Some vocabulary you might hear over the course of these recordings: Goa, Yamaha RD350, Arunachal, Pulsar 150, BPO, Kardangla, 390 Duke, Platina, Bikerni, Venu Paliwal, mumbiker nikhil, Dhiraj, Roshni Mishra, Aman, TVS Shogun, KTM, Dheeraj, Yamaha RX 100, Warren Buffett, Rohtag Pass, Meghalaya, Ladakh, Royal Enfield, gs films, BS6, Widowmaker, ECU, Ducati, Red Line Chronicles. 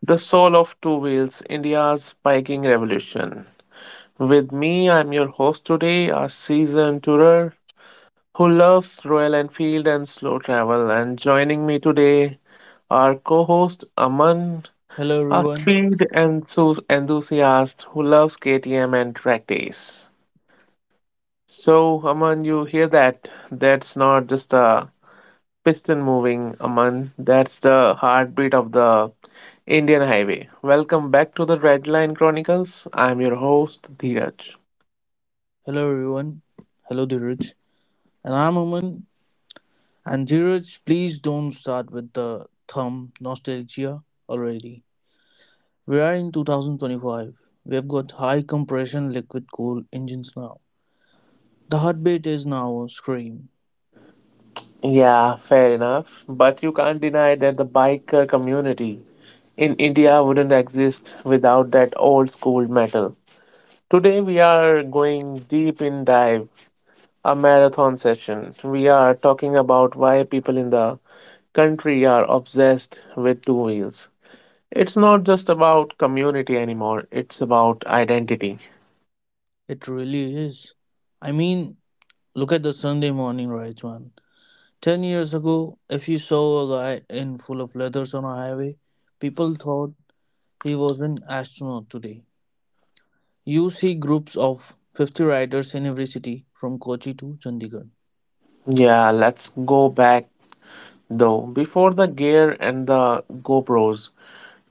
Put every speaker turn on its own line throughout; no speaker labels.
The Soul of Two Wheels, India's Biking Revolution. With me, I'm your host today, a seasoned tourer who loves Royal Enfield and slow travel. And joining me today, our co host Aman,
Hello
a
everyone.
speed enthusiast who loves KTM and track days. So, Aman, you hear that? That's not just a piston moving, Aman. That's the heartbeat of the Indian highway. Welcome back to the Red Line Chronicles. I'm your host, Dheeraj.
Hello everyone. Hello Dhiraj. And I'm Aman. And Dhiraj, please don't start with the thumb nostalgia already. We are in 2025. We have got high compression liquid cool engines now. The heartbeat is now a scream.
Yeah, fair enough. But you can't deny that the biker community in India wouldn't exist without that old school metal. Today we are going deep in dive, a marathon session. We are talking about why people in the country are obsessed with two wheels. It's not just about community anymore, it's about identity.
It really is. I mean, look at the Sunday morning rides, man. 10 years ago, if you saw a guy in full of leathers on a highway, people thought he was an astronaut today. You see groups of 50 riders in every city from Kochi to Chandigarh.
Yeah, let's go back though. Before the gear and the GoPros,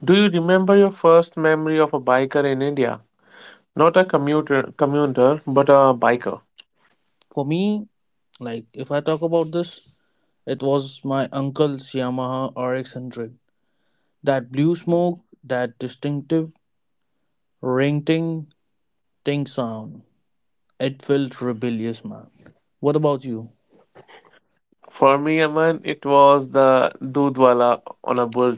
do you remember your first memory of a biker in India? Not a commuter, but a biker.
For me, like if I talk about this, it was my uncle's Yamaha RX 100. That blue smoke, that distinctive ring ting ting sound. It felt rebellious, man. What about you?
For me, Aman, it was the Dudwala on a bull.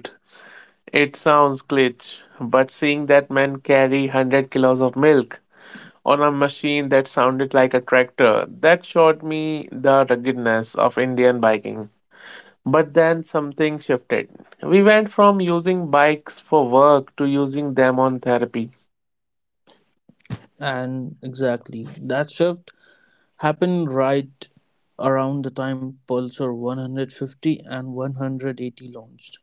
It sounds glitch, but seeing that man carry 100 kilos of milk on a machine that sounded like a tractor. That showed me the ruggedness of Indian biking. But then something shifted. We went from using bikes for work to using them on therapy.
And exactly, that shift happened right around the time Pulsar 150 and 180 launched.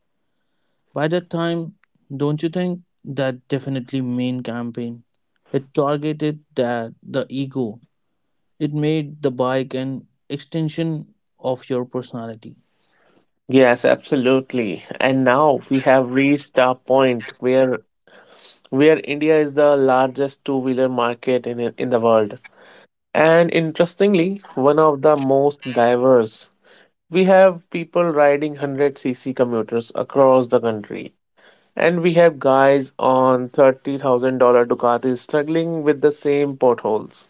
By that time, don't you think that definitely main campaign? It targeted that the ego. It made the bike an extension of your personality.
Yes, absolutely. And now we have reached a point where India is the largest two-wheeler market in the world. And interestingly, one of the most diverse. We have people riding 100cc commuters across the country. And we have guys on $30,000 Ducatis struggling with the same potholes.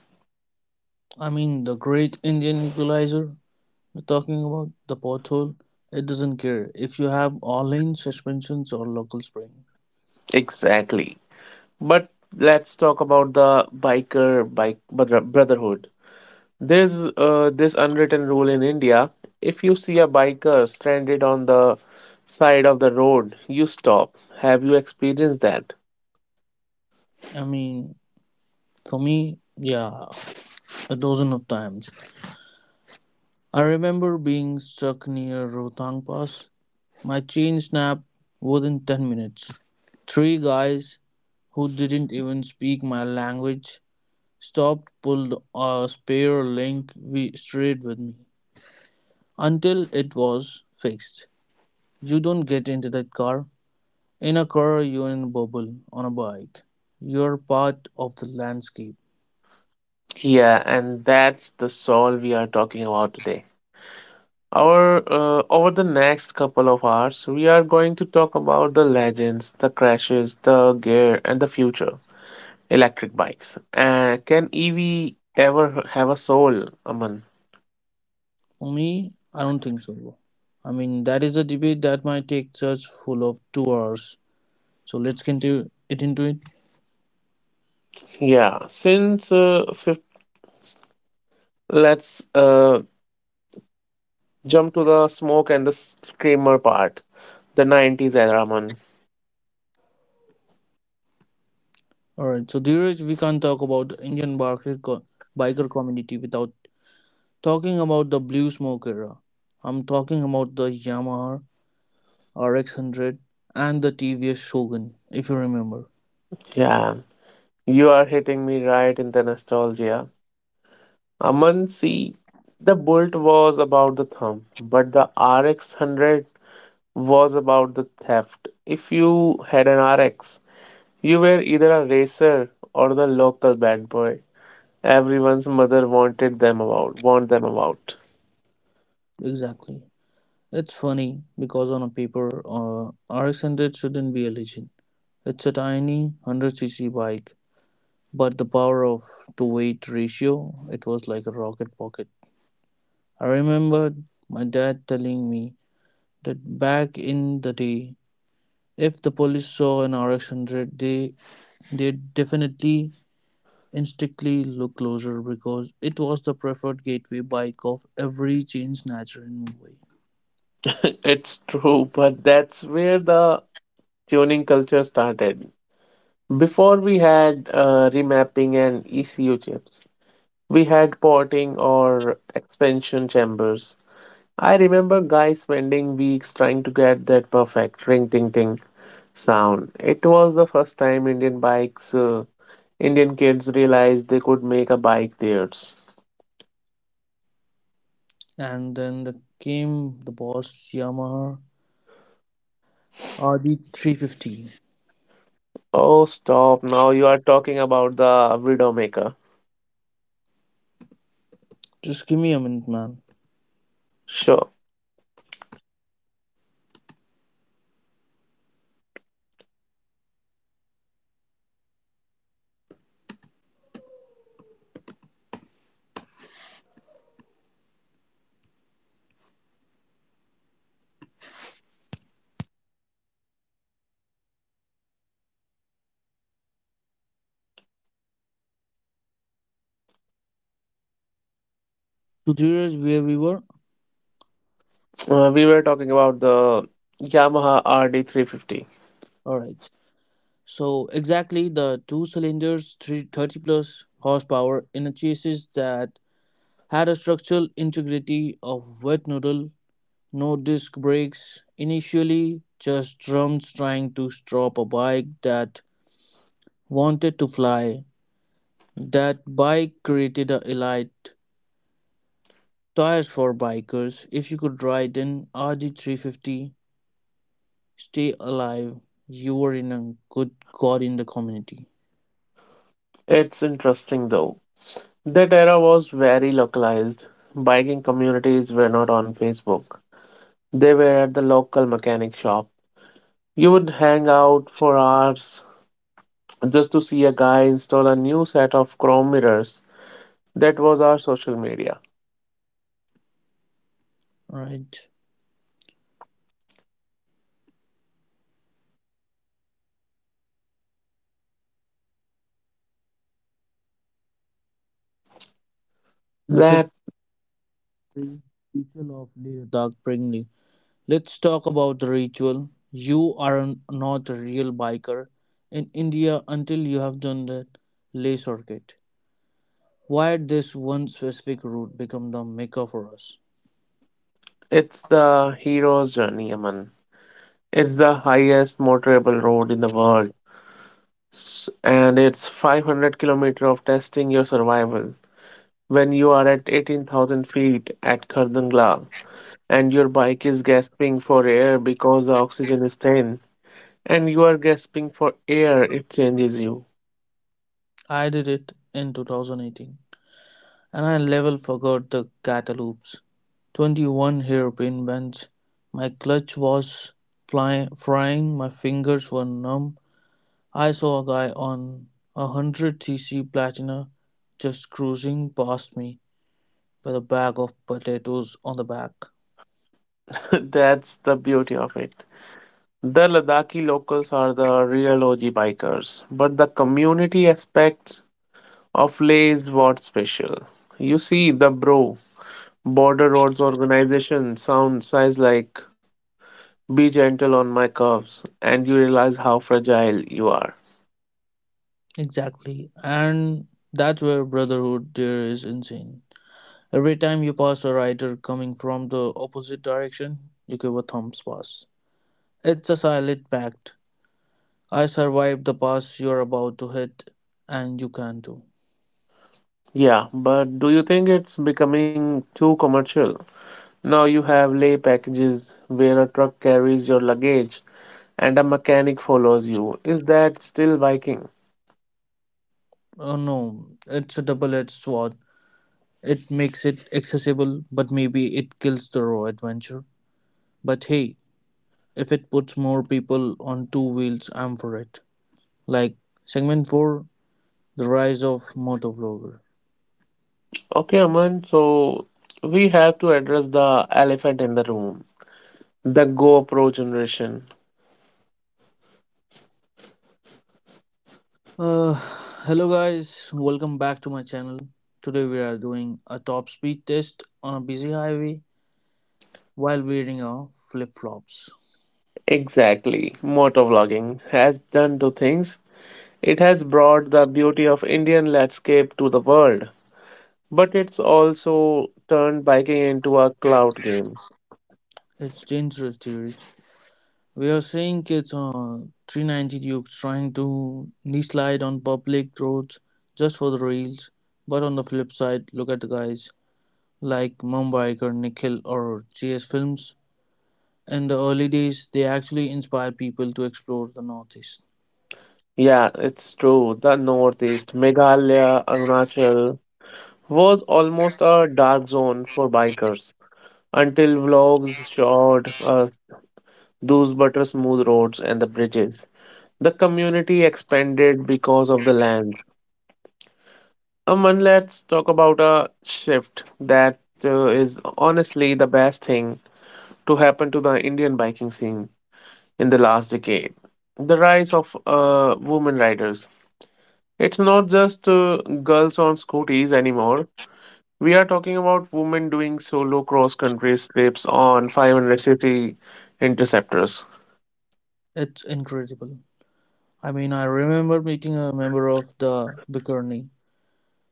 I mean, the great Indian equalizer, we're talking about the pothole, it doesn't care if you have all in suspensions or local spring.
Exactly. But let's talk about the biker brotherhood. There's this unwritten rule in India, if you see a biker stranded on the side of the road, you stop. Have you experienced that?
I mean, for me, yeah, a dozen of times. I remember being stuck near Rohtang Pass. My chain snapped within 10 minutes. Three guys who didn't even speak my language stopped, pulled a spare link we straight with me until it was fixed. You don't get into that car. In a car, you're in a bubble. On a bike, you're part of the landscape.
Yeah, and that's the soul we are talking about today. Our over the next couple of hours, we are going to talk about the legends, the crashes, the gear, and the future. Electric bikes. Can EV ever have a soul, Aman?
For me, I don't think so, bro. I mean, that is a debate that might take church full of 2 hours. So let's get it into it.
Yeah. Since fifth, let's jump to the smoke and the screamer part, the '90s era, Aman.
All right. So, Dheeraj, we can't talk about the Indian biker, biker community without talking about the blue smoke era. I'm talking about the Yamaha RX 100 and the TVS Shogun, if you remember.
Yeah, you are hitting me right in the nostalgia, Aman. See, the Bolt was about the thumb, but the RX hundred was about the theft. If you had an RX, you were either a racer or the local bad boy. Everyone's mother wanted them about, want them about.
Exactly. It's funny because on a paper, RX 100 shouldn't be a legend. It's a tiny 100cc bike, but the power of to weight ratio, it was like a rocket pocket. I remember my dad telling me that back in the day, if the police saw an RX 100, they definitely instinctively look closer because it was the preferred gateway bike of every chain snatcher in Mumbai.
It's true, but that's where the tuning culture started. Before we had remapping and ECU chips, we had porting or expansion chambers. I remember guys spending weeks trying to get that perfect ring ting ting sound. It was the first time Indian kids realized they could make a bike theirs.
And then came the boss Yamaha RD350.
Oh, stop. Now you are talking about the Widowmaker.
Just give me a minute, man.
Sure.
So there is where we were.
We were talking about the Yamaha RD350.
All right. So exactly the two cylinders, 330 plus horsepower in a chassis that had a structural integrity of wet noodle. No disc brakes, initially just drums trying to stop a bike that wanted to fly. That bike created a elite tires for bikers. If you could ride an RD350, stay alive, you were in a good god in the community.
It's interesting though. That era was very localized. Biking communities were not on Facebook. They were at the local mechanic shop. You would hang out for hours just to see a guy install a new set of chrome mirrors. That was our social media.
Right. In the
That
secondary, Ritual of Leader Doug Brinkley. Let's talk about the ritual. You are not a real biker in India until you have done the lay circuit. Why did this one specific route become the mecca for us?
it's the hero's journey, Aman. It's the highest motorable road in the world. And it's 500 kilometer of testing your survival. When you are at 18,000 feet at Kardangla and your bike is gasping for air because the oxygen is thin and you are gasping for air, it changes you.
I did it in 2018 and I level forgot the cataloops. 21 hairpin bends. My clutch was frying, my fingers were numb. I saw a guy on a 100cc platina just cruising past me with a bag of potatoes on the back.
That's the beauty of it. The Ladakhi locals are the real OG bikers, but the community aspect of Lay's what special? You see, the bro, border roads organization sound size like be gentle on my curves, and you realize how fragile you are.
Exactly. And that's where brotherhood there is insane. Every time you pass a rider coming from the opposite direction, you give a thumbs pass. It's a silent pact. I survived the pass you're about to hit, and you can too.
Yeah, but do you think it's becoming too commercial? Now you have lay packages where a truck carries your luggage and a mechanic follows you. Is that still biking?
Oh no, it's a double edged sword. It makes it accessible, but maybe it kills the raw adventure. But hey, if it puts more people on two wheels, I'm for it. Like, segment 4, the rise of motovlogger.
Okay, Aman, so we have to address the elephant in the room, the GoPro generation.
uh, hello guys, welcome back to my channel. Today we are doing a top speed test on a busy highway while wearing our flip-flops.
Exactly. Motovlogging has done two things. It has brought the beauty of Indian landscape to the world, but it's also turned biking into a cloud game.
It's dangerous, dude. We are seeing kids on a 390 dukes trying to knee slide on public roads just for the reels. But on the flip side, look at the guys like mumbiker nikhil or gs films. In the early days they actually inspired people to explore the northeast.
Yeah, it's true. The Northeast, Meghalaya, Arunachal was almost a dark zone for bikers until vlogs showed us those butter smooth roads and the bridges. The community expanded because of the land. Aman, let's talk about a shift that is honestly the best thing to happen to the Indian biking scene in the last decade. The rise of women riders. It's not just girls on scooties anymore. We are talking about women doing solo cross country trips on 500cc interceptors.
It's incredible. I mean, I remember meeting a member of the Bikerni,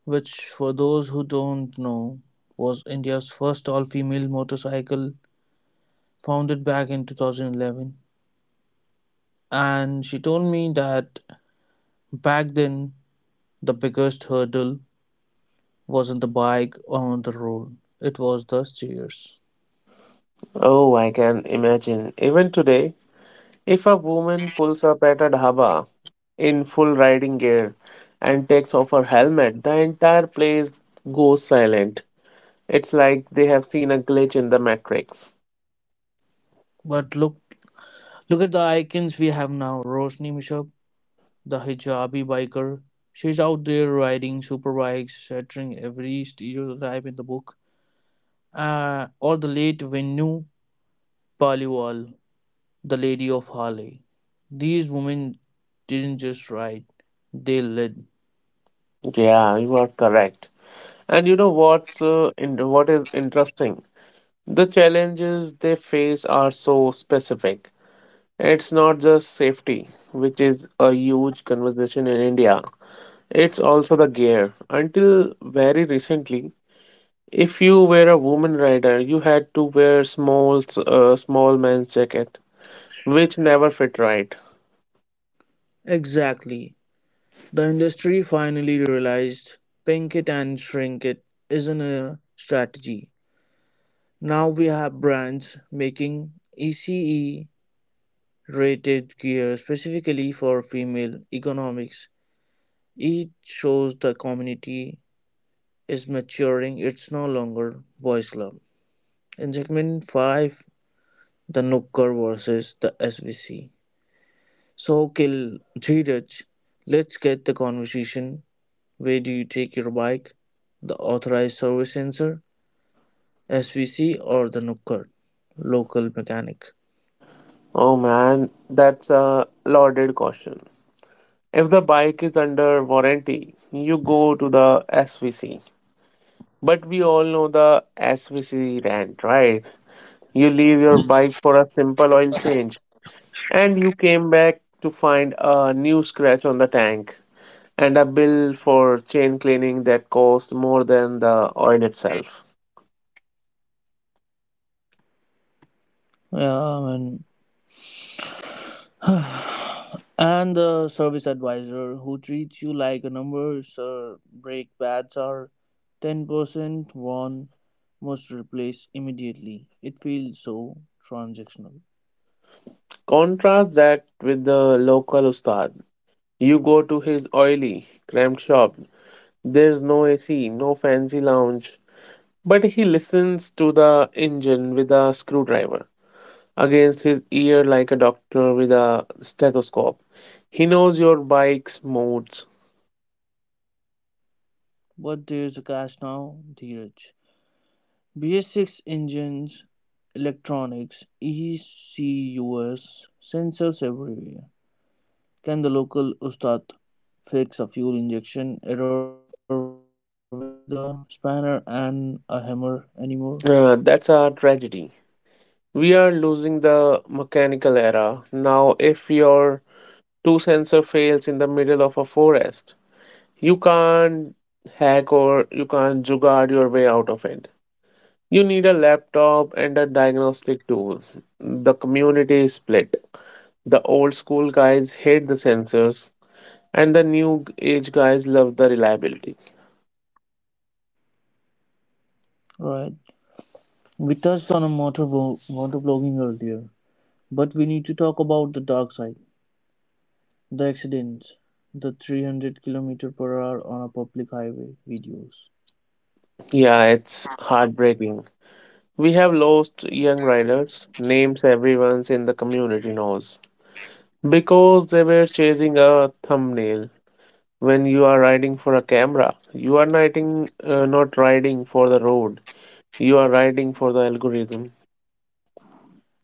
which, for those who don't know, was India's first all female motorcycle founded back in 2011. And she told me that back then, the biggest hurdle wasn't the bike on the road, it was the stairs.
Oh, I can imagine. Even today, if a woman pulls up at a dhaba in full riding gear and takes off her helmet, the entire place goes silent. It's like they have seen a glitch in the matrix.
But look at the icons we have now. Roshni Mishra, the hijabi biker. She's out there riding superbikes, shattering every stereotype in the book. Or the late Venu Paliwal, the Lady of Harley. These women didn't just ride, they led.
Yeah, you are correct. And you know what is interesting? The challenges they face are so specific. It's not just safety, which is a huge conversation in India. It's also the gear. Until very recently, if you were a woman rider, you had to wear small man's jacket, which never fit right.
Exactly. The industry finally realized pink it and shrink it isn't a strategy. Now we have brands making ECE rated gear specifically for female economics. It shows the community is maturing, it's no longer boys' club. In segment 5, the Nooker versus the SVC. So, Kil Dheeraj, let's get the conversation. Where do you take your bike? The authorized service center, SVC, or the Nooker, local mechanic?
Oh man, that's a loaded caution. If the bike is under warranty, you go to the SVC. But we all know the SVC rant, right? You leave your bike for a simple oil change, and you came back to find a new scratch on the tank and a bill for chain cleaning that cost more than the oil itself.
Yeah, man. And the service advisor who treats you like a number, sir, brake pads are 10% worn, must replace immediately. It feels so transactional.
Contrast that with the local ustad. You go to his oily, cramped shop. There's no AC, no fancy lounge, but he listens to the engine with a screwdriver against his ear like a doctor with a stethoscope. He knows your bike's modes.
But there's a cash now, Dheeraj. BS6 engines, electronics, ECUs, sensors everywhere. Can the local Ustad fix a fuel injection error with a spanner and a hammer anymore?
That's a tragedy. We are losing the mechanical era. Now, if your two sensor fails in the middle of a forest, you can't hack or you can't jugaad your way out of it. You need a laptop and a diagnostic tool. The community is split. The old school guys hate the sensors, and the new age guys love the reliability.
Alright, we touched on a motovlogging earlier, but we need to talk about the dark side, the accidents, the 300 kilometer per hour on a public highway videos.
Yeah, it's heartbreaking. We have lost young riders, names everyone's in the community knows, because they were chasing a thumbnail. When you are riding for a camera, you are not riding for the road. You are riding for the algorithm.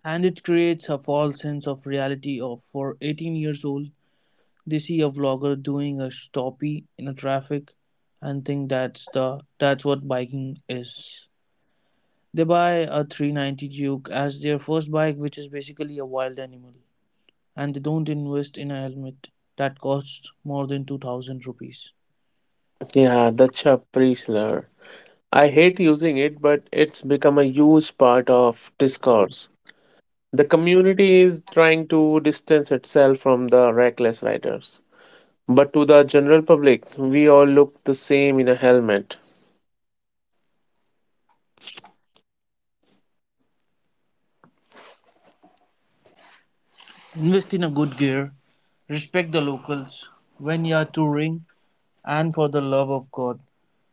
And it creates a false sense of reality of for 18 years old, they see a vlogger doing a stoppie in a traffic and think that's what biking is. They buy a 390 Duke as their first bike which is basically a wild animal. And they don't invest in a helmet that costs more than 2,000 rupees.
Yeah, that's a pre-slur. I hate using it, but it's become a huge part of discourse. The community is trying to distance itself from the reckless writers. But to the general public, we all look the same in a helmet.
Invest in a good gear, respect the locals when you are touring, and for the love of God,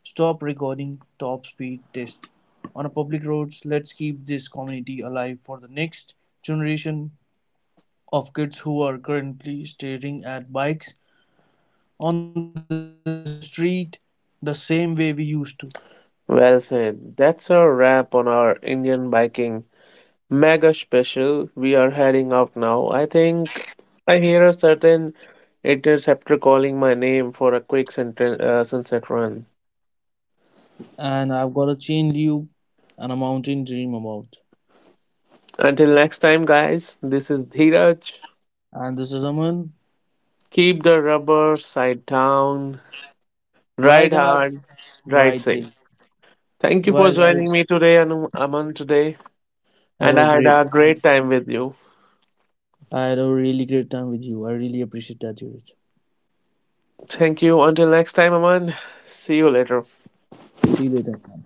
stop recording top speed tests on a public roads. Let's keep this community alive for the next generation of kids who are currently staring at bikes on the street the same way we used to.
Well said. That's a wrap on our Indian biking mega special. We are heading out now. I think I hear a certain interceptor calling my name for a quick sunset run.
And I've got a chain lube and a mountain dream about.
Until next time, guys, this is Dhiraj.
And this is Aman.
Keep the rubber side down, ride
Ride hard,
hard, ride
ride
safe.
safe.
Thank you for
Bye,
joining
guys.
me today, Aman, today.
Have
And I
a
had
great.
a great time with you.
I had a really great time with you. I really appreciate that, Yurit.
Thank you. Until next time, Aman. See you later.
See you later, man.